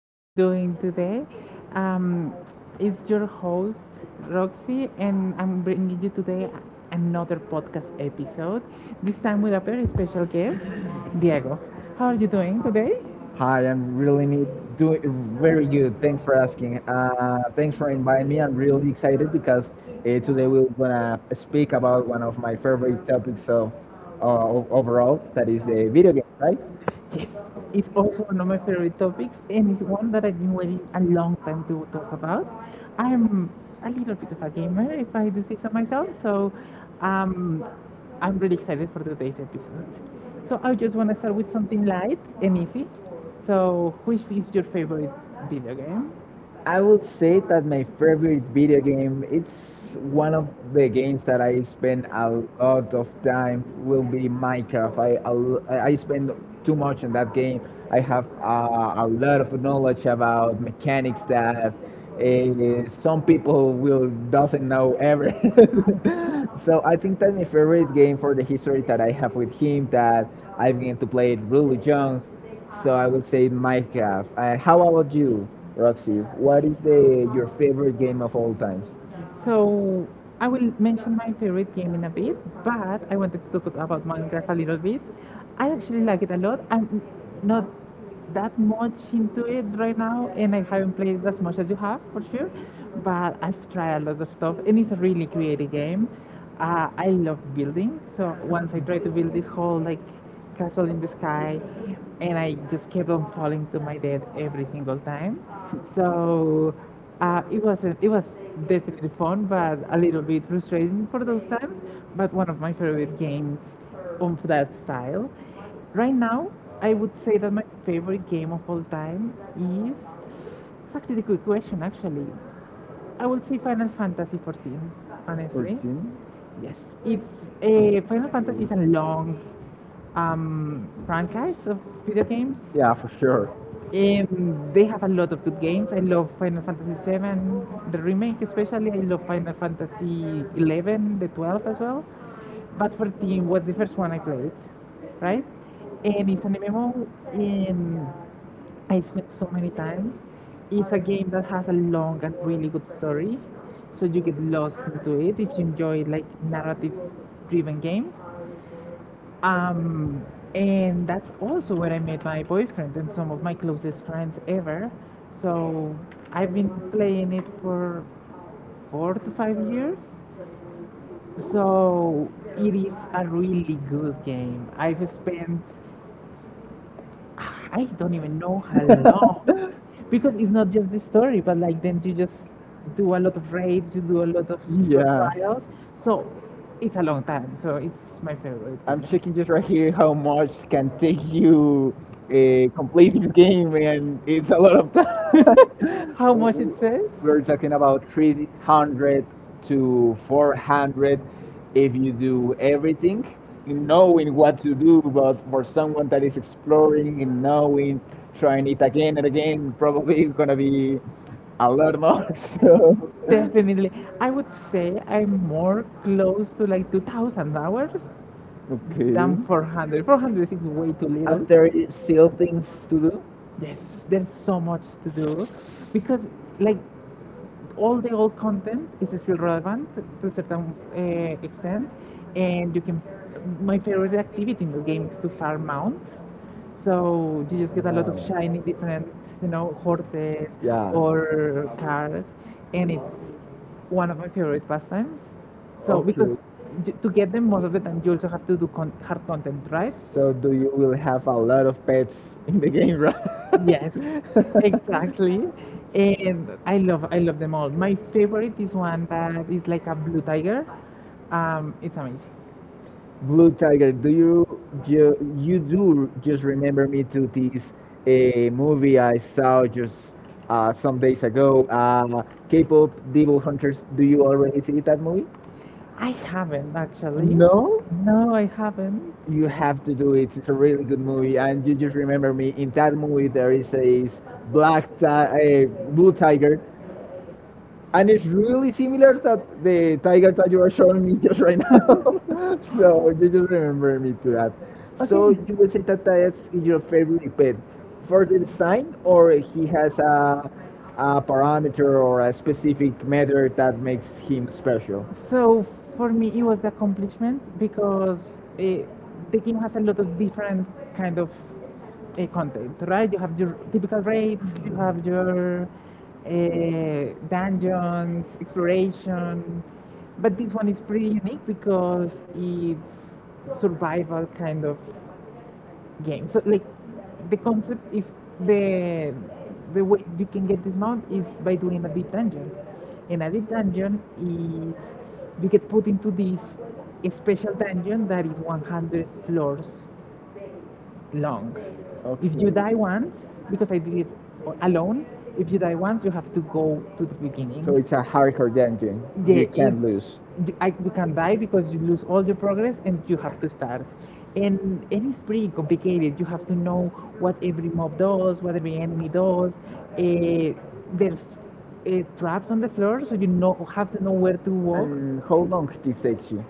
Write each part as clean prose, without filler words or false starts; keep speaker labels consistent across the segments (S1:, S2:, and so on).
S1: are you doing today? Um, it's your host, Roxy, and I'm bringing you today another podcast episode, this time with a very special guest, Diego. How are you doing today?
S2: Hi, I'm really need doing very good. Thanks for asking. Thanks for inviting me. I'm really excited because today we're gonna speak about one of my favorite topics of overall, that is the video game, right?
S1: Yes, it's also one of my favorite topics, and it's one that I've been waiting a long time to talk about. I'm a little bit of a gamer, if I do say so myself, so um, I'm really excited for today's episode. So I just want to start with something light and easy. So, which is your favorite video game?
S2: I would say that my favorite video game, it's one of the games that I spend a lot of time will be Minecraft. I, a l- I spend too much in that game. I have a lot of knowledge about mechanics that some people will doesn't know ever. So I think that my favorite game for the history that I have with him that I began to play it really young, so I would say Minecraft. How about you, Roxy? What is the your favorite game of all times?
S1: So I will mention my favorite game in a bit, but I wanted to talk about Minecraft a little bit. I actually like it a lot. I'm not that much into it right now, and I haven't played it as much as you have, for sure. But I've tried a lot of stuff, and it's a really creative game. I love building, so once I tried to build this whole like castle in the sky, and I just kept on falling to my death every single time. So it wasn't. It was definitely fun, but a little bit frustrating for those times. But one of my favorite games of that style. Right now, I would say that my favorite game of all time is exactly the quick question. Actually, I would say Final Fantasy 14.
S2: Or
S1: Honestly,
S2: team?
S1: yes, it's a Final Fantasy is a long franchise of video games.
S2: Yeah, for sure.
S1: They have a lot of good games. I love Final Fantasy VII, the remake especially. I love Final Fantasy XI, the 12 as well. But 14 was the first one I played, right? And it's an MMO, and I spent so many times. It's a game that has a long and really good story, so you get lost into it if you enjoy like narrative-driven games. Um, and that's also where I met my boyfriend and some of my closest friends ever. So I've been playing it for 4 to 5 years. So it is a really good game. I've spent, I don't even know how long, because it's not just the story, but like then you just do a lot of raids, you do a lot of, yeah,
S2: Yeah.
S1: trials. So it's a long time. So it's my favorite
S2: I'm
S1: game.
S2: checking just right here how much can take you complete this game, and it's a lot of time.
S1: How much it says?
S2: We're talking about 300 to 400 if you do everything, knowing what to do. But for someone that is exploring and knowing, trying it again and again, probably gonna be a lot more. So, yeah,
S1: Definitely. I would say I'm more close to like 2,000 hours
S2: okay.
S1: than 400. 400 is way too little.
S2: After you still things to do?
S1: Yes, there's so much to do because like all the old content is still relevant to a certain extent, and you can. My favorite activity in the game is to farm mounts. So you just get a lot of
S2: Wow.
S1: shiny different, you know, horses
S2: Yeah.
S1: or cars, and it's one of my favorite pastimes. So because
S2: Okay.
S1: to get them most of the time you also have to do hard content, right?
S2: So do you will have a lot of pets in the game, right?
S1: Yes. Exactly. And I love them all. My favorite is one that is like a blue tiger. It's amazing.
S2: Blue Tiger, do you you, you do just remember me to this a movie I saw just some days ago? K-pop Devil Hunters. Do you already see that movie?
S1: I haven't actually.
S2: No?
S1: No, I haven't.
S2: You have to do it. It's a really good movie, and you just remember me. In that movie, there is a a blue tiger, and it's really similar that the tiger that you are showing me just right now.
S1: So,
S2: So you just remember me to that. So
S1: okay,
S2: you would say that that's
S1: you
S2: your favorite
S1: know,
S2: pet for the design, or he has a parameter or a specific
S1: on.
S2: method that makes him special.
S1: So for me, it was the accomplishment because the game has a lot of different kind of content, right? You have your typical raids, you have your dungeons, exploration, but this one is pretty unique because it's survival kind of game. So like the concept is the the way you can get this mount is by doing a deep dungeon. And a deep dungeon is you get put into this special dungeon that is 100 floors long. If you
S2: Okay,
S1: die once, because I did it alone, if you die once, you have to go to the beginning.
S2: so it's a hardcore dungeon.
S1: Yeah,
S2: You can't lose.
S1: you can die because you lose all your progress and you have to start. And, and it's pretty complicated. You have to know what every mob does, what every enemy does. Uh, there's traps on the floor, so you know have to know where to walk.
S2: And how long this takes you?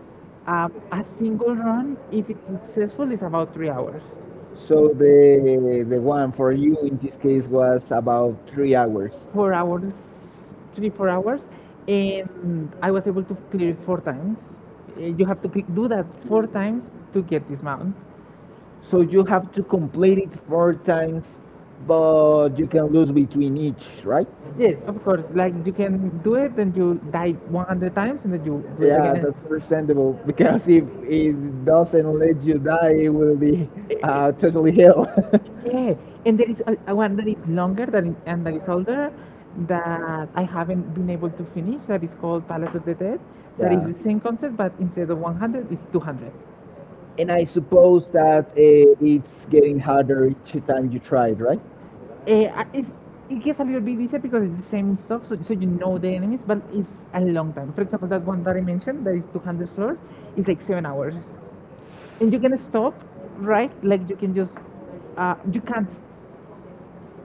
S1: A single run, if it's successful, is about 3 hours.
S2: So the one for you in this case was about 3 hours.
S1: 4 hours, three, 4 hours, and I was able to clear it four times. You have to click, do that four times to get this mount.
S2: So you have to complete it four times, but you can lose between each, right?
S1: Yes, of course. Like you can do it, and you die 100 times, and then you do it
S2: Yeah,
S1: again.
S2: that's understandable because if it doesn't let you die, it will be totally hell.
S1: Yeah, and there is a one that is longer than and that is older that I haven't been able to finish. That is called Palace of the Dead. That is
S2: Yeah,
S1: the same concept, but instead of 100, it's 200.
S2: and I suppose that it's getting harder each time you try it, right?
S1: Eh, Uh, it's, it gets a little bit easier because it's the same stuff, so, so you know the enemies, but it's a long time. For example, that one that I mentioned, that is 200 floors, is like 7 hours, and you can stop, right? Like you can just, you can't,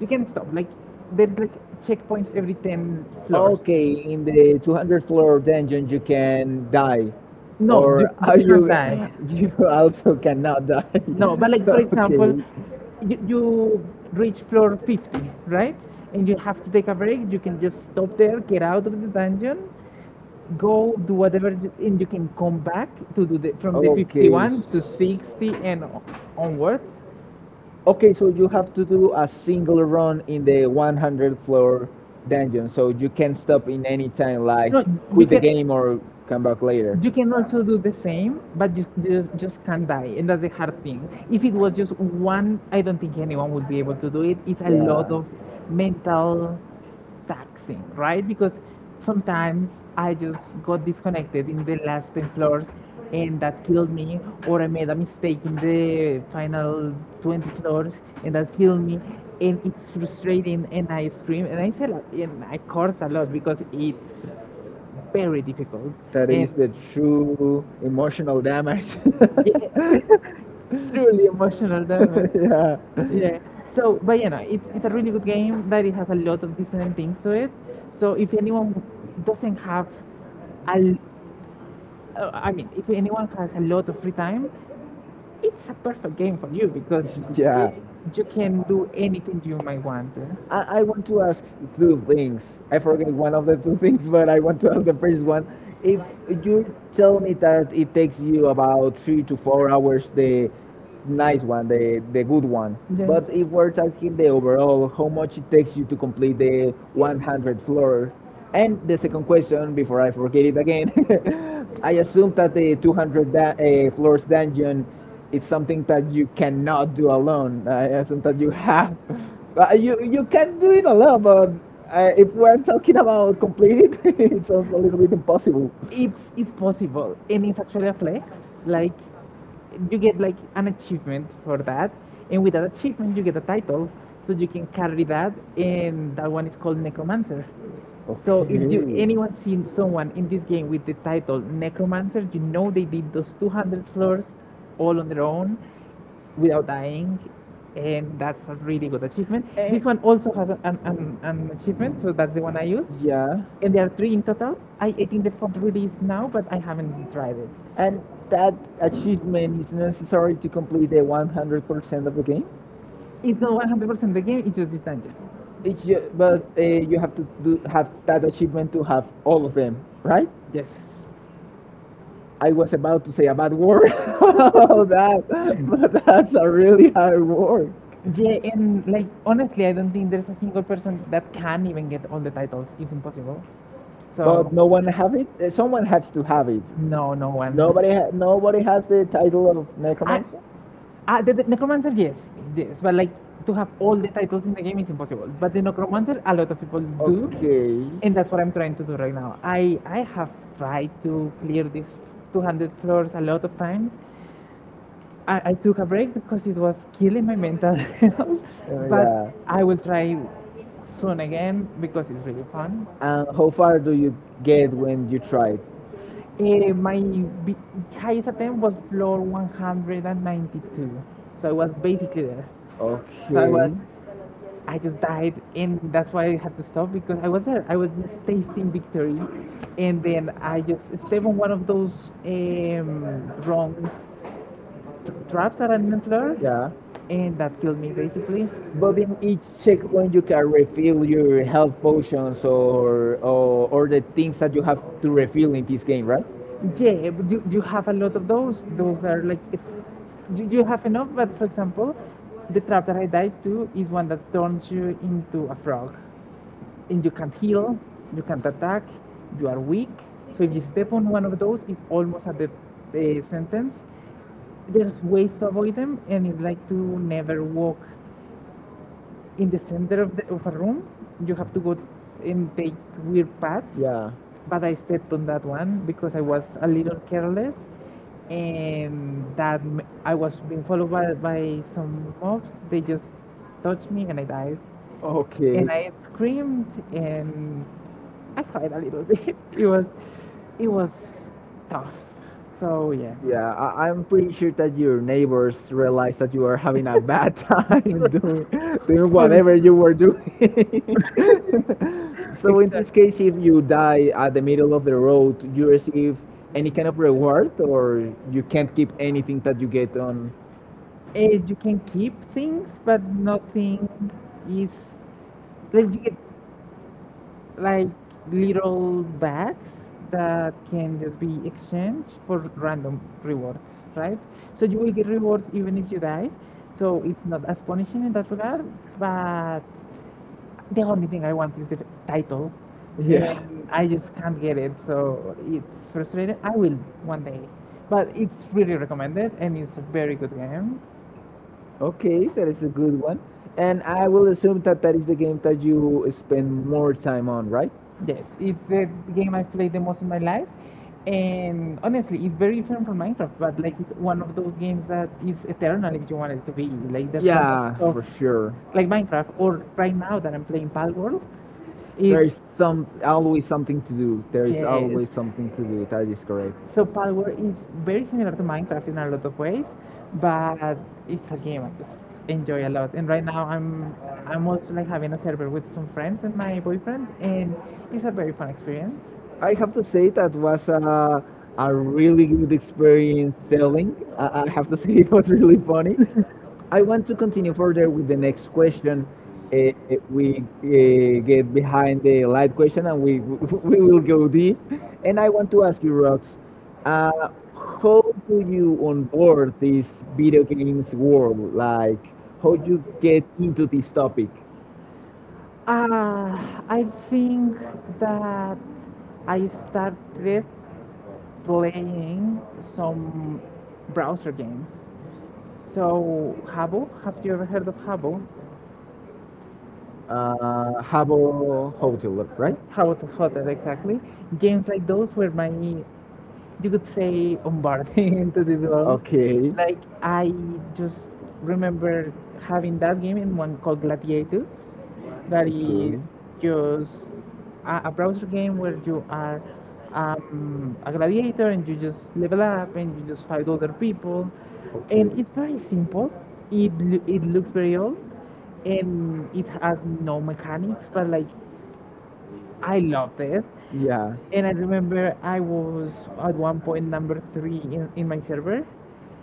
S1: you can stop. Like there's like checkpoints every 10 floors.
S2: Okay, in the 200 floor dungeon you can die,
S1: No, or you,
S2: or
S1: you
S2: are
S1: I cannot
S2: you
S1: die.
S2: you also cannot die.
S1: No, but like for example, you reach floor 50, right? And you have to take a break. You can just
S2: Okay.
S1: stop there, get out of the dungeon, go do whatever, and you can come back to do from the okay 51 to so 60
S2: Okay.
S1: and onwards.
S2: Okay, so you have to do a single run in the 100 floor dungeon, so you can
S1: So
S2: stop in any time, like
S1: No, you
S2: quit the
S1: can
S2: game or come back later.
S1: You can also do the same, but you just can't die, and that's the hard thing. If it was just one, I don't think anyone would be able to do it. It's a lot
S2: Yeah.
S1: of
S2: Many
S1: mental taxing,
S2: times.
S1: right? Because sometimes I just got disconnected in the last 10 floors and that killed me, or I made a mistake in the final 20 floors and that killed me. And it's frustrating,
S2: It's
S1: and I
S2: just
S1: scream and I say, a lot,
S2: an
S1: and I
S2: experience.
S1: curse a lot because it's very difficult.
S2: That
S1: And
S2: is the true emotional damage.
S1: truly emotional damage.
S2: Yeah.
S1: Yeah. So, but you know, it's a really good game that it has a lot of different things to it. So, if anyone doesn't have, a l- I mean, if anyone has a lot of free time, it's a perfect game for you because uh,
S2: Yeah.
S1: you can do anything you might want. Eh?
S2: I want to ask two things. I forget one of the two things, but I want to ask the first one. If you tell me that it takes you about 3 to 4 hours, the nice one, the good one,
S1: Yeah.
S2: but if we're talking the overall, how much it takes you to complete the 100 floor? And the second question, before I forget it again, I assume that the 200 floors dungeon it's something that you cannot do alone. Yeah, it's something that you have. You can do it alone, but if we're talking about complete it, it sounds a little bit impossible.
S1: It's possible and it's actually a flex like you get like an achievement for that and with that achievement you get a title so you can carry that and that one is called Necromancer. So if you
S2: Okay.
S1: anyone seen someone in this game with the title Necromancer you know they did those 200 floors all on their own without dying and that's a really good achievement. This one also has an achievement so that's the one I use,
S2: Yeah,
S1: and there are three in total. I think the fourth release now, but I haven't tried it.
S2: and that achievement is necessary to complete the 100% of the game.
S1: It's not 100% the game, it's just this dungeon.
S2: But you have have that achievement to have all of them, right?
S1: Yes.
S2: I was about to say a bad word about that, but that's a really hard word.
S1: Yeah, and like honestly, I don't think there's a single person that can even get all the titles. It's impossible. Oh,
S2: But no
S1: so,
S2: one have it. Someone has to have it.
S1: no, no one.
S2: Nobody has the title of
S1: I,
S2: necromancer.
S1: the Necromancer, yes, yes, but like to have all the titles in the game is impossible. But the Necromancer, a lot of people do,
S2: Okay.
S1: and that's what I'm trying to do right now. I have tried to clear these 200 floors a lot of times. I took a break because it was killing my mental health, but I will try soon again because it's really fun.
S2: And how far do you get when you try?
S1: My b- highest attempt was floor 192, so I was basically there. So I
S2: Okay.
S1: was
S2: I just.
S1: I just died, and that's why I had to stop because I was there. I was just tasting victory, and then I just stepped on one of those wrong tr traps that I didn't learn,
S2: Yeah.
S1: and that killed me basically.
S2: But in each checkpoint, you can refill your health potions or the things that you have to refill in this game, right?
S1: Yeah, but you have a lot of those. Those are like, you have enough, but for example, the trap that I died to is one that turns you into a frog. And you can't heal, you can't attack, you are weak. So if you step on one of those, it's almost at the sentence. There's ways to avoid them, and it's like to never walk in the center of, of a room. You have to go and take weird paths.
S2: Yeah.
S1: But I stepped on that one because I was a little careless, and that I was being followed by some mobs. They just touched me, and I died. And
S2: Okay.
S1: I screamed, and I cried a little bit. It was tough. So yeah.
S2: Yeah,
S1: Yeah.
S2: I'm pretty sure that your neighbors realized that you were having a bad time doing whatever you were doing. So in this case, if you die at the middle of the road, you receive any kind of reward, or you can't keep anything that you get on.
S1: You can keep things, but nothing is like you get like little bags that can just be exchanged for random rewards, right? So you will get rewards even if you die. So it's not as punishing in that regard, but the only thing I want is the title, and
S2: Yeah.
S1: I just can't get it, so it's frustrating. I will one day, but it's really recommended, and it's a very good game.
S2: Okay, that is a good one. And I will assume that that is the game that you spend more time on, right?
S1: Yes, it's the game I've played the most in my life, and honestly, it's very different from Minecraft. But like, it's one of those games that is eternal if you want it to be. Like, there's so much
S2: Yeah,
S1: stuff,
S2: for sure.
S1: like Minecraft, or right now that I'm playing Palworld.
S2: There is
S1: It's
S2: some always something to do. There is
S1: Yes, always.
S2: always something to do. That is correct.
S1: So Palworld is very similar to Minecraft in a lot of ways, but it's a game I just enjoy a lot. And right now I'm also like having a server with some friends and my boyfriend, and it's a very fun experience.
S2: I have to say that was a really good experience telling. I have to say it was really funny. I want to continue further with the next question. Uh, we get behind the light question, and we, we will go deep. And I want to ask you, Rox, uh, how do you onboard this video games world? Like, how you get into this topic?
S1: Uh, I think that I started playing some browser games. So Habbo, have you ever heard of Habbo?
S2: Habo Hotel, right?
S1: How about hotel exactly? Games like those were my, you could say, onboarding into this world.
S2: Okay.
S1: Like I just remember having that game and one called Gladiators. That
S2: Okay.
S1: is just a browser game where you are a gladiator and you just level up and you just fight other people,
S2: Okay.
S1: and it's very simple. It looks very old, and it has no mechanics, but like I loved it.
S2: Yeah.
S1: And I remember I was at one point number three in my server,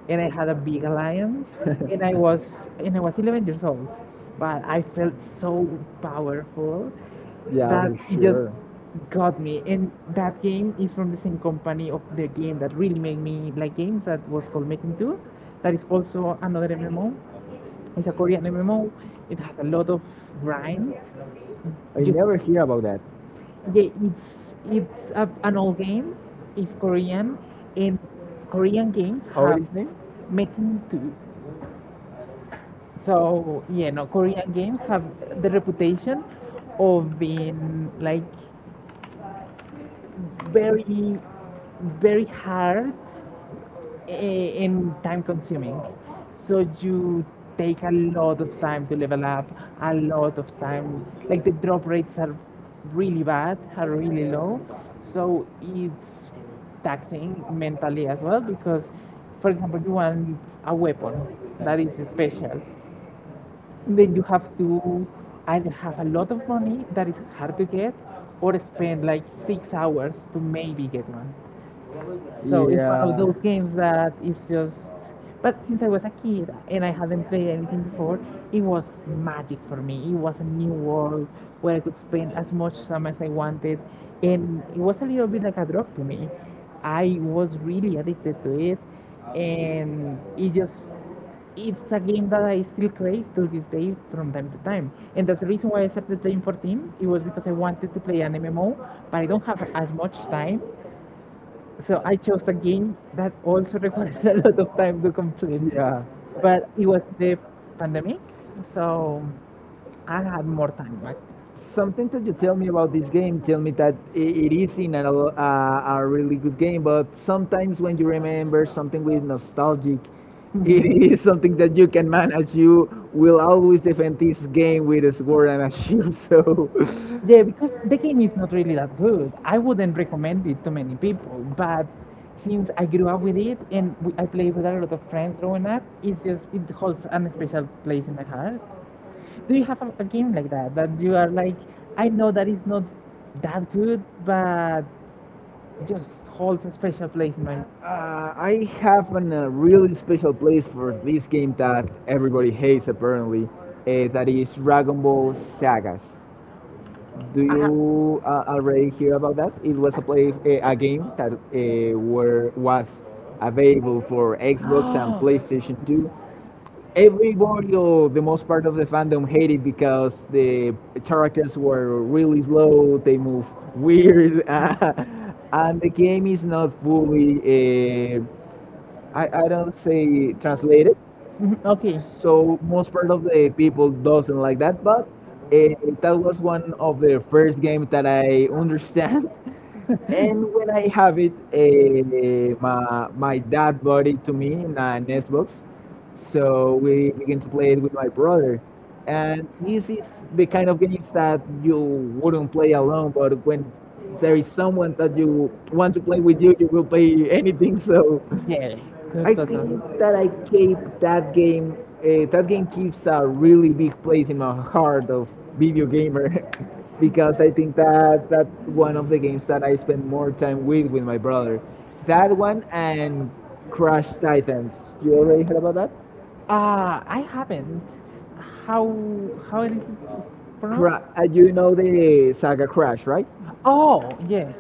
S1: and I had a big alliance, and I was 11 years old, but I felt so powerful
S2: Yeah,
S1: that
S2: for
S1: it just
S2: sure.
S1: got me. And that game is from the same company of the game that really made me like games, that was called Making Two, that is also another MMO. It's a Korean MMO. It has a lot of grind.
S2: I
S1: You
S2: never hear about that.
S1: yeah, it's a, an old game. It's Korean, and Korean games
S2: How it
S1: have
S2: is named?
S1: Making too. So yeah, no, Korean games have the reputation of being like very, very hard and time consuming. So you take a lot of time to level up, a lot of time. Like the drop rates are really bad, are really low. So it's taxing mentally as well because, for example, you want a weapon that is special, then you have to either have a lot of money that is hard to get or spend like 6 hours to maybe get one. So it's one of
S2: Yeah.
S1: those games that is just. But since I was a kid and I hadn't played anything before, it was magic for me. It was a new world where I could spend as much time as I wanted, and it was a little bit like a drug to me. I was really addicted to it, and it's a game that I still crave to this day from time to time. And that's the reason why I started playing 14. It was because I wanted to play an MMO, but I don't have as much time. So I chose a game that also required a lot of time to complete,
S2: Yeah.
S1: but it was the pandemic, so I had more time back.
S2: Something that you tell me about this game, tell me that it is in a really good game, but sometimes when you remember something with nostalgic, it is something that you can manage. You will always defend this game with a sword and a shield, so
S1: Yeah, because the game is not really that good. I wouldn't recommend it to many people, but since I grew up with it and I played with a lot of friends growing up, it's just it holds an special place in my heart. Do you have a game like that that you are like, I know that it's not that good, but just holds a special place in my
S2: I have a really special place for this game that everybody hates apparently. That is Dragon Ball Sagas. Do
S1: mind?
S2: you already hear about that? It was a game that were was available for Xbox and PlayStation 2. Everybody or the most part of the fandom hated because the characters were really slow. They move weird. And the game is not fully I don't say translated,
S1: Mhm, okay.
S2: so most part of the people doesn't like that. But uh, that was one of the first games that I understand, and when I have it, my dad bought it to me in an Xbox, so we began to play it with my brother. And this is the kind of games that you wouldn't play alone, but when there is someone that you want to play with you, you will play anything. So
S1: Yeah,
S2: I
S1: that's.
S2: think that I keep that game. That game keeps a really big place in my heart of video gamer, because I think that that one of the games that I spend more time with my brother. That one and Crash Titans. You already heard about that?
S1: I haven't. How how it is.
S2: You know the saga Crash, right?
S1: Oh, yeah.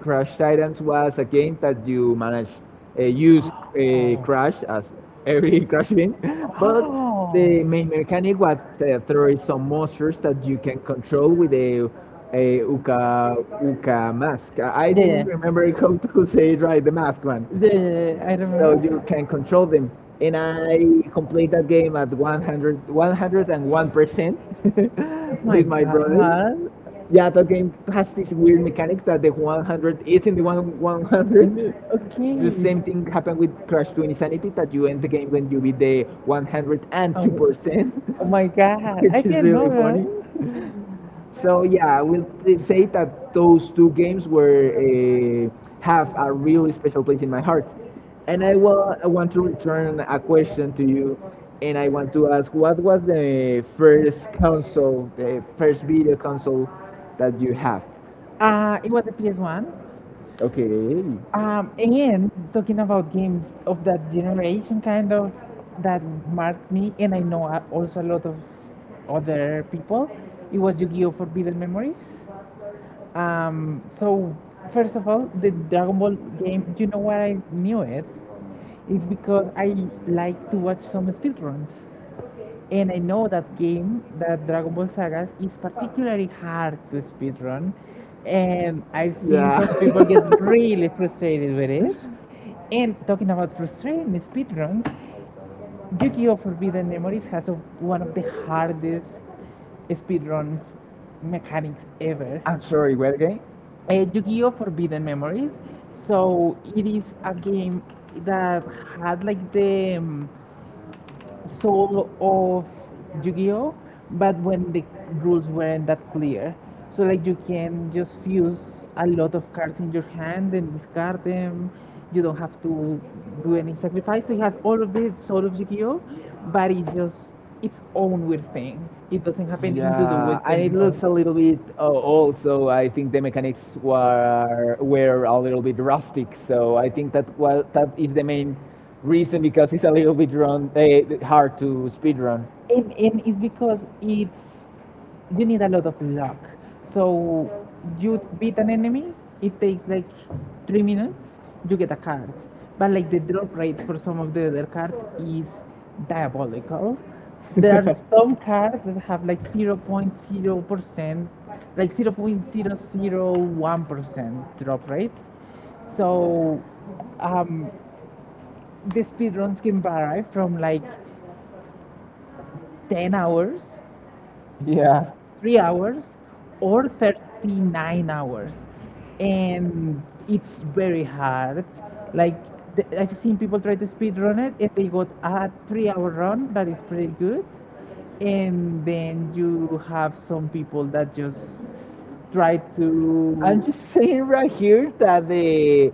S2: Crash Titans was a game that you manage use
S1: Oh.
S2: Crash as every Crash game, but the main mechanic was that there is some monsters that you can control with a Uka Uka mask. I didn't remember how to say it right, the mask one.
S1: Yeah, yeah, yeah,
S2: So you
S1: I.
S2: can control them. And I complete that game at 100, 101% with my brother. Yeah, that game has this weird mechanic that the 100 is in the one
S1: Okay.
S2: 100. The same thing happened with Crash 2 Insanity that you end the game when you beat the
S1: Oh.
S2: 102%,
S1: Oh my god.
S2: which is really funny.
S1: Fun.
S2: So yeah, I will say that those two games were have a really special place in my heart. And I want to return a question to you, and I want to ask, what was the first console, the first video console that you have?
S1: That. It was the PS1.
S2: Okay.
S1: Again, talking about games of that generation, kind of that marked me, and I know a- also a lot of other people. It was Yu-Gi-Oh! Forbidden Memories. So first of all, the Dragon Ball game. You know why I knew it? It's because I like to watch some speedruns. And I know that game, that Dragon Ball Sagas, is particularly hard to speedrun. And I've seen some people get really frustrated with it. And talking about frustrating speedruns, Yu-Gi-Oh! Forbidden Memories has a, one of the hardest speedruns mechanics ever.
S2: I'm sorry, where again?
S1: Yu-Gi-Oh! Forbidden Memories. So it is a game that had like the soul of Yu-Gi-Oh, but when the rules weren't that clear. So like you can just fuse a lot of cards in your hand and discard them. You don't have to do any sacrifice. So it has all of the soul of Yu-Gi-Oh, but it's just its own weird thing. It
S2: Have
S1: doesn't have
S2: to do.
S1: anything to do
S2: Yeah,
S1: with
S2: and it
S1: them.
S2: looks a little bit old, so I think the mechanics were a little bit rustic. So I think that well, that is the main reason because it's a little bit run hard to speed run.
S1: And it's because it's you need a lot of luck, so Mm, you beat an enemy, it takes like 3 minutes, you get a card, but like the drop rate for some of the other cards is diabolical. There are some cards that have like 0.0%, like 0.001% drop rates, so um, the speedruns can vary from like 10 hours,
S2: Yeah.
S1: 3 hours, or 39 hours, and it's very hard. Like I've seen people try to speed run it and they got a 3 hour run that is pretty good, and then you have some people that just try
S2: I'm
S1: to.
S2: just
S1: to
S2: saying right here that
S1: Saying.
S2: the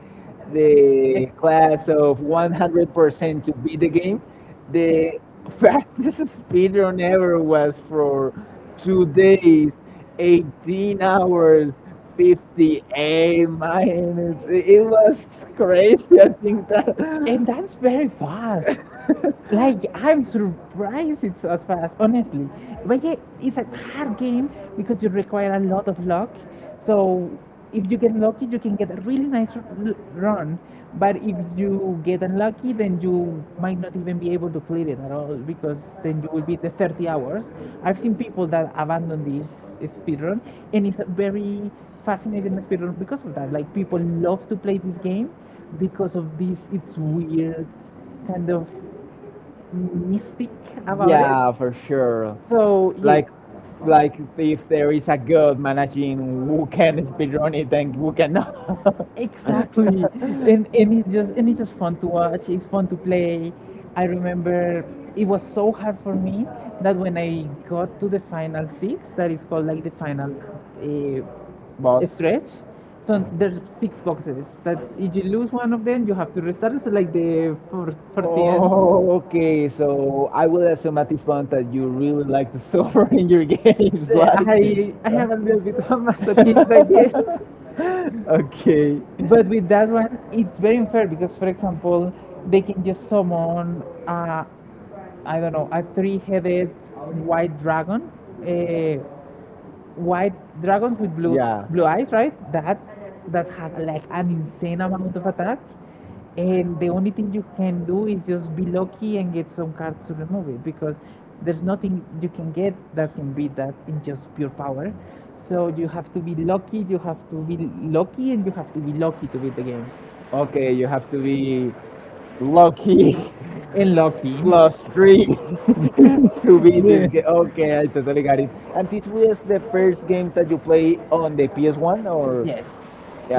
S2: the class of 100% to beat the game, the fastest speed run ever was for 2 days, 18 hours, 58 minutes. It was crazy. I think that.
S1: And that's very fast, like I'm surprised it's as fast, honestly. But yeah, it's a hard game because you require a lot of luck. So if you get lucky, you can get a really nice run. But if you get unlucky, then you might not even be able to clear it at all because then you will be the 30 hours. I've seen people that abandon this speedrun, and it's a very fascinating speedrun because of that. Like people love to play this game because of this. It's weird, kind of mystic about it.
S2: Yeah,
S1: Yeah,
S2: for sure.
S1: so yeah,
S2: Like, like if there is a god managing who can speedrun it and who cannot,
S1: exactly. And it's just fun to watch. It's fun to play. I remember it was so hard for me that when I got to the final six, that is called like the final
S2: boss.
S1: stretch. So there's six boxes that if you lose one of them, you have to restart. It's like the
S2: Okay, so I will assume at this point that you really like to suffer in your games, like.
S1: I have a little bit of masochist, I guess.
S2: Okay.
S1: But with that one, it's very unfair because, for example, they can just summon, I don't know, a three headed white dragon. Uh, White dragons with blue. Yeah,
S2: Yeah.
S1: blue eyes, right? That that has like an insane amount of attack, and the only thing you can do is just be lucky and get some cards to remove it because there's nothing you can get that can beat that in just pure power. So you have to be lucky. You have to be lucky, and you have to be lucky to beat the game.
S2: Okay, you have to be lucky
S1: And lucky.
S2: plus three to beat this game. Okay, I totally got it.
S1: Yeah.
S2: And this was the first game that you play on the PS1 or
S1: Yes.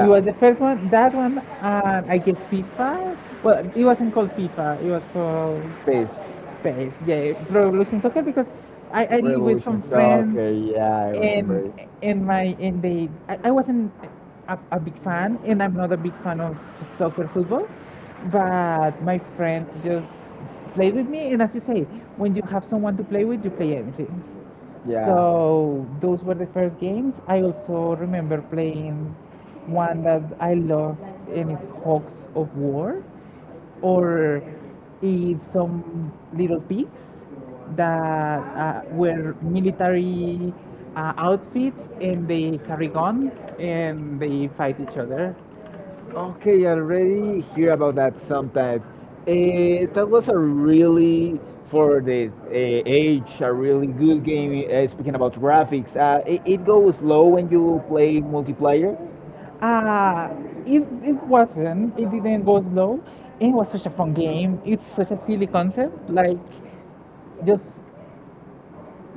S1: It was the first one, that one, and I guess FIFA. Well, it wasn't called FIFA, it was called
S2: PS
S1: PES. Yeah, Pro Evolution Soccer, because I live with
S2: Revolution.
S1: some friends
S2: Okay, yeah, I
S1: and
S2: remember it.
S1: and my and they I wasn't a big fan and I'm not a big fan of soccer football, but my friends just played with me, and as you say, when you have someone to play with you play anything.
S2: Yeah.
S1: So those were the first games. I also remember playing one that I loved, and it's Hawks of War, or it's some little pigs that wear military outfits and they carry guns and they fight each other.
S2: Okay, I already hear about that sometime. That was for the age, a really good game. Speaking about graphics, it goes slow when you play multiplayer.
S1: Uh, it, it wasn't, it didn't go slow. It was such a fun game. It's such a silly concept, like just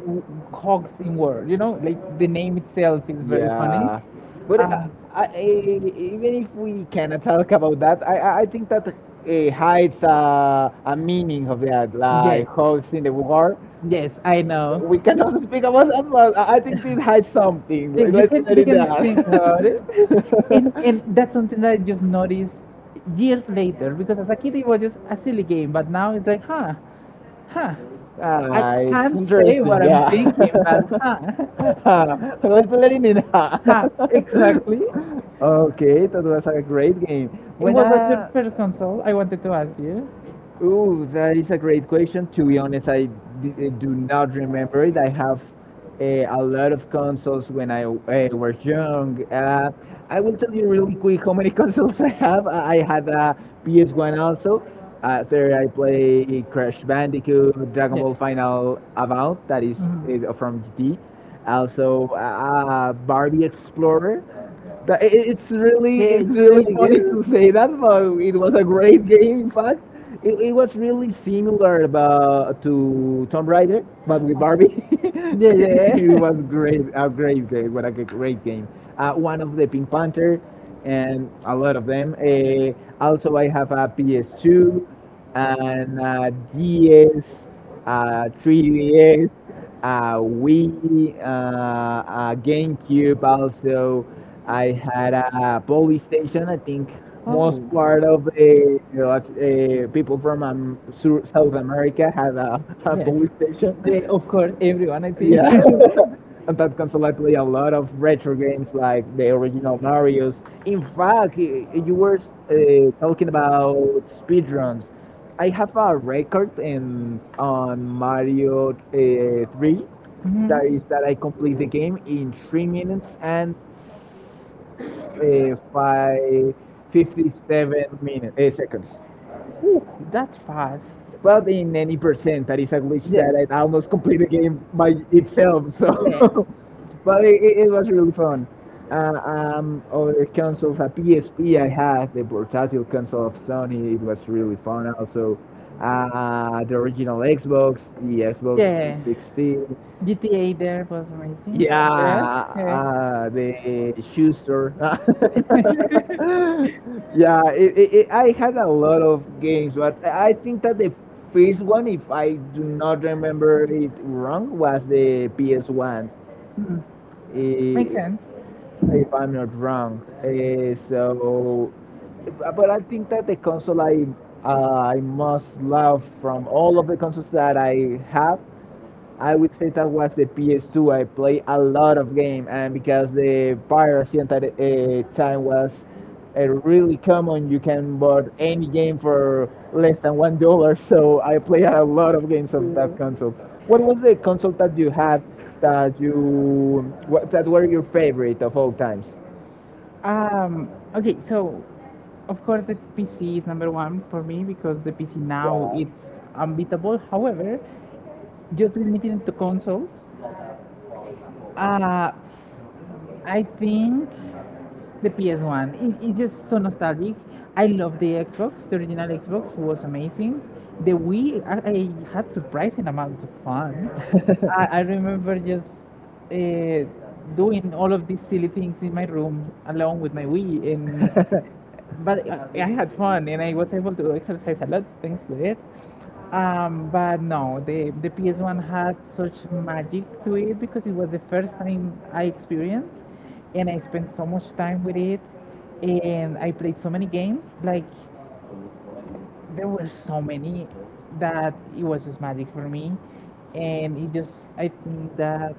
S1: w- hogs in war, you know, like the name itself is very funny.
S2: Yeah, but
S1: Uh,
S2: even if we cannot talk about that, I think that hides a meaning of that, yes,
S1: yes,
S2: like holes in the war.
S1: yes, I. So
S2: We
S1: know.
S2: cannot speak about that, but I think it hides something.
S1: Did
S2: Let's let
S1: you
S2: it
S1: can think about
S2: down.
S1: it, and that's something that I just noticed years later because as a kid it was just a silly game, but now it's like, huh, huh.
S2: Ah,
S1: I my,
S2: huh? It's They
S1: can't say
S2: interesting,
S1: what
S2: were
S1: I'm
S2: yeah.
S1: thinking, but
S2: thinking,
S1: huh,
S2: huh? Huh. Let's let it in. Huh,
S1: huh,
S2: exactly.
S1: exactly.
S2: Okay, that was a great game. It
S1: It
S2: When
S1: was
S2: What was your
S1: what's your
S2: I a
S1: first
S2: first one?
S1: console? I wanted to ask you.
S2: Ooh, that is a great question. To be honest, do not remember it. I have a lot of consoles when I was young. I will tell you really quick how many consoles I have. I had a PS1 also. There I play Crash Bandicoot, Dragon Ball Final About, that is
S1: Mhm.
S2: from GT. Also, Barbie Explorer. Tha-
S1: Yeah,
S2: i-
S1: yeah,
S2: it's
S1: it's
S2: really
S1: really
S2: funny
S1: good.
S2: to say
S1: Wouldn't.
S2: that, but it was a great game. In fact, it was really similar about, to Tomb Raider, but with Barbie. It
S1: Yeah,
S2: was great, a great game. What a great game! One of the Pink Panther, and a lot of them. Also, I have a PS2 and a DS, 3DS, Wii, GameCube. Also, I had a PlayStation. I think most part of the people from South America have a
S1: yeah.
S2: PlayStation.
S1: Yeah, of course, everyone, I.
S2: Yeah. On that console, I play a lot of retro games like the original Mario's. In fact, you were talking about speedruns. I have a record in on Mario 3, that is that I
S1: Mhm.
S2: complete the game in 3 minutes and s- uh, five, 57 minutes, seconds.
S1: Ooh, that's fast.
S2: But in any percent that is a glitch
S1: Yeah.
S2: that I almost complete the game by itself. So, but it was really fun. Uh, Other consoles, a PSP I had, the portátil console of Sony, it was really fun also. The original Xbox, the Xbox 16,
S1: GTA there was amazing.
S2: yeah, the Schuster. Yeah, I had a lot of games, but I think that the first one, if I do not remember it wrong, was the PS1,
S1: Hmm. Makes
S2: i-
S1: sense.
S2: if I'm not wrong. But I think that the console I most love from all of the consoles that I have, I would say that was the PS2. I played a lot of game, and because the piracy at that time was really common, you can buy any game for less than $1. So I played a lot of games of that console. What was the console that you had that that were your favorite of all times?
S1: Um, okay, so of course the PC is number one for me because the PC now it's unbeatable. However, just limiting it to consoles, uh, I think the PS1. It's just so nostalgic. I love the Xbox. The original Xbox was amazing. The Wii, I had surprising amount of fun. I remember just uh, doing all of these silly things in my room along with my Wii, and but I had fun and I was able to exercise a lot thanks to it. But no, the PS1 had such magic to it because it was the first time I experienced and I spent so much time with it and I played so many games. There were so many that it was just magic for me. And I think that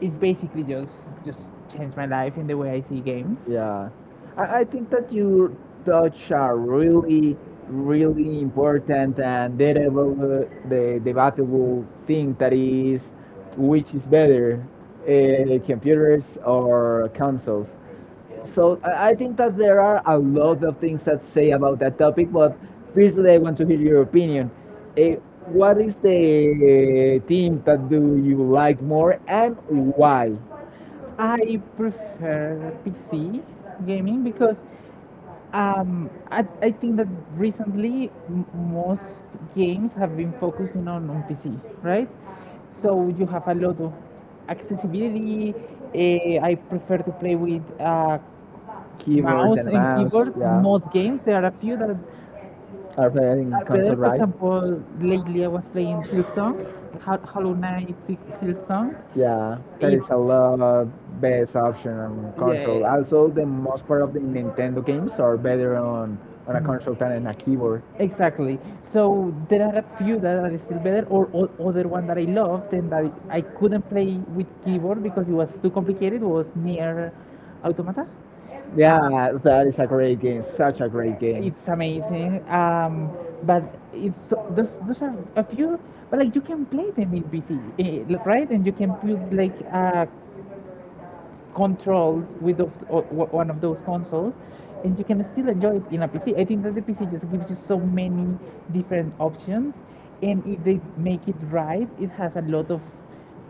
S1: it basically just changed my life in the way I see games.
S2: Yeah, I think that you touch a really, really important and debatable, the debatable thing that is which is better, computers or consoles. So I think that there are a lot of things that say about that topic, but firstly, I want to hear your opinion. Eh, what is the team that do you like more and why?
S1: I prefer PC gaming because I think that recently most games have been focusing on PC, right? So you have a lot of accessibility. Eh, I prefer to play with
S2: Keyboard
S1: mouse
S2: and
S1: and
S2: mouse.
S1: keyboard.
S2: Yeah,
S1: Most games, there are a few that are
S2: are playing console,
S1: better. For
S2: right?
S1: example, lately I was playing Silksong, Hollow Knight Silksong.
S2: Yeah, that
S1: It's
S2: is a lot best option on
S1: Yeah,
S2: control.
S1: yeah.
S2: Also, the most part of the Nintendo games are better on a console than on a keyboard.
S1: Exactly. So there are a few that are still better, o other one that I loved and that I couldn't play with keyboard because it was too complicated was near Automata. Uh,
S2: Yeah, that is a great game. Such a great game.
S1: it's amazing. But those are a few, but like you can play them in PC, right? And you can put like a controlled with of, o- o- one of those consoles and you can still enjoy it in a PC. I think that the PC just gives you so many different options, and if they make it right, it has a lot of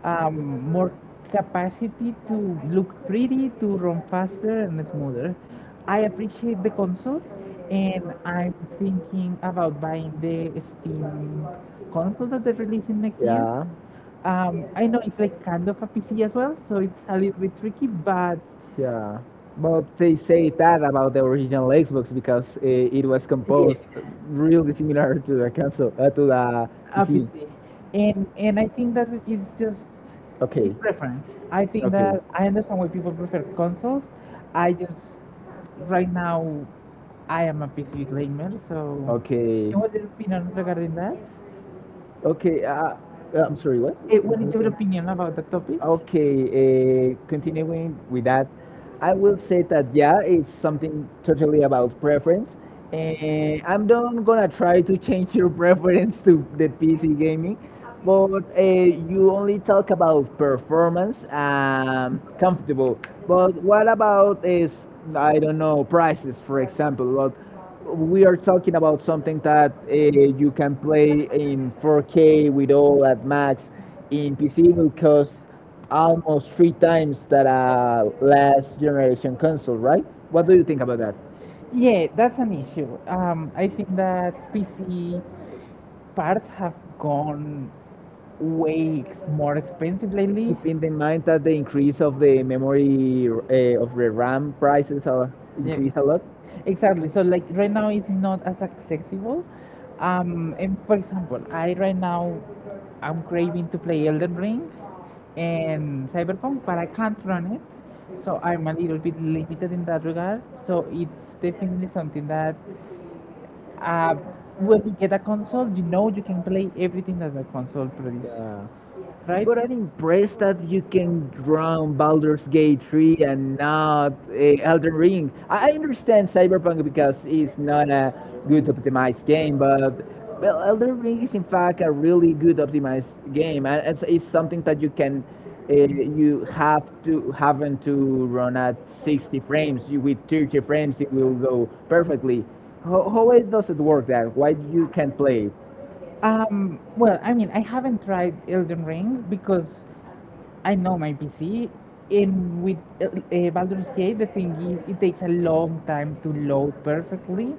S1: more capacity to look pretty, to run faster and smoother. I appreciate the consoles, and I'm thinking about buying the Steam console that they're releasing next year.
S2: Yeah,
S1: I know it's like kind of a PC as well, so it's a little bit tricky, but
S2: yeah. But they say that about the original Xbox because it was
S1: yeah,
S2: composed really similar to the console, to the
S1: a
S2: PC.
S1: PC. And I think that it is just it's
S2: Okay,
S1: preference. I think
S2: okay.
S1: that I understand why people prefer consoles. I just right now I am a PC gamer, so okay,
S2: Okay,
S1: and what's your opinion regarding that?
S2: okay. I'm sorry, what?
S1: What is your opinion about the topic?
S2: Okay, continuing with that, I will say that yeah, it's something totally about preference, and I'm not gonna try to change your preference to the PC gaming, but you only talk about performance and comfortable. But what about is, I don't know, prices, for example? But we are talking about something that you can play in 4K with all at max. In PC, will cost almost three times that a last generation console, right? What do you think about that?
S1: Yeah, that's an issue. I think that PC parts have gone way more expensive lately.
S2: Keeping in mind that the increase of the memory of the RAM prices are
S1: Yeah,
S2: increased a lot.
S1: exactly. So like right now it's not as accessible. And for example, I right now I'm craving to play Elden Ring and Cyberpunk, but I can't run it. So I'm a little bit limited in that regard. So it's definitely something that uh, when you get a console, you know you can play everything that the console produces,
S2: Yeah.
S1: right?
S2: But I'm impressed that you can run Baldur's Gate 3 and not Elden Ring. I understand Cyberpunk because it's not a good optimized game, but well, Elden Ring is in fact a really good optimized game, and it's something that you can you have to having to run at 60 frames. You, with 30 frames, it will go perfectly. How it does it work that? Why you can play?
S1: Well, I mean, I haven't tried Elden Ring because I know my PC. And with Baldur's Gate, the thing is, it takes a long time to load perfectly.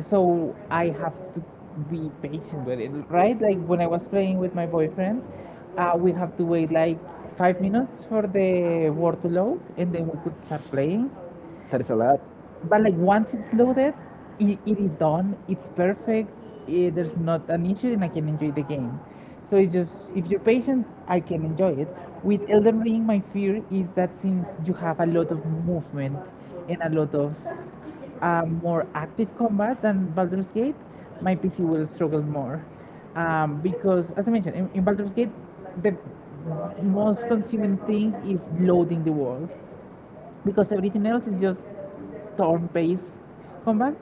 S1: So I have to be patient with it, right? Like when I was playing with my boyfriend, we have to wait like 5 minutes for the word to load and then we could start playing,
S2: That is a lot.
S1: but like once it's loaded, it is done. It's perfect. There's not an issue, and I can enjoy the game. So it's just if you're patient, I can enjoy it. With Elden Ring, my fear is that since you have a lot of movement and a lot of more active combat than Baldur's Gate, my PC will struggle more. Because, as I mentioned, in Baldur's Gate, the most consuming thing is loading the world because everything else is just turn-based combat,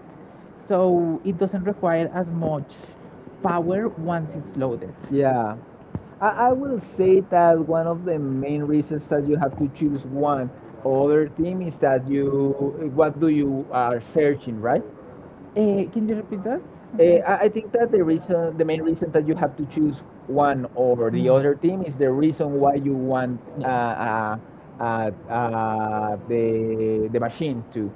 S1: so it doesn't require as much power once it's loaded.
S2: Yeah. I will say that one of the main reasons that you have to choose one other team is that you what do you are searching, right?
S1: Can you repeat that?
S2: I think that the reason, the main reason that you have to choose one over the other team is the reason why you want the machine to.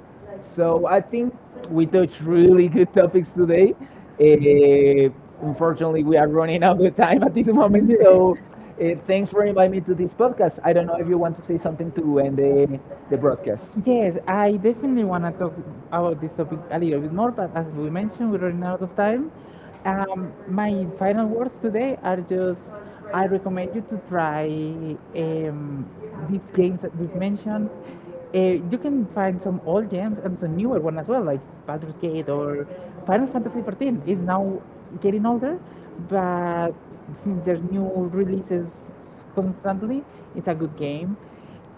S2: So I think we touched really good topics today. Uh, unfortunately, we are running out of time at this moment. So thanks for inviting me to this podcast. I don't know if you want to say something to end the broadcast.
S1: Yes, I definitely want to talk about this topic a little bit more, but as we mentioned, we're running out of time. My final words today are just I recommend you to try um, these games that we've mentioned. Uh, you can find some old games and some newer one as well, like Baldur's Gate or Final Fantasy XIV is now getting older, but since there's new releases constantly, it's a good game.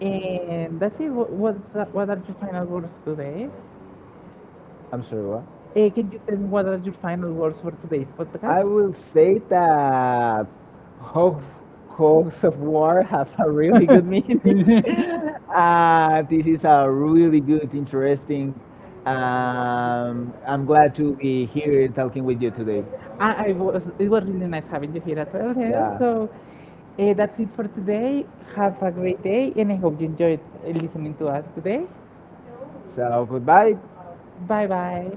S1: And that's it. What are your final words today?
S2: I'm sorry, what?
S1: Can you tell me what are your final words for today's I
S2: I
S1: podcast?
S2: will say that Ho- Hogs of War has a really good meaning. Uh, this is a really good, interesting. I'm glad to be here talking with you today.
S1: It was really nice having you here as well. Hel.
S2: Yeah.
S1: So that's it for today. Have a great day, and I hope you enjoyed listening to us today.
S2: So goodbye.
S1: Bye bye.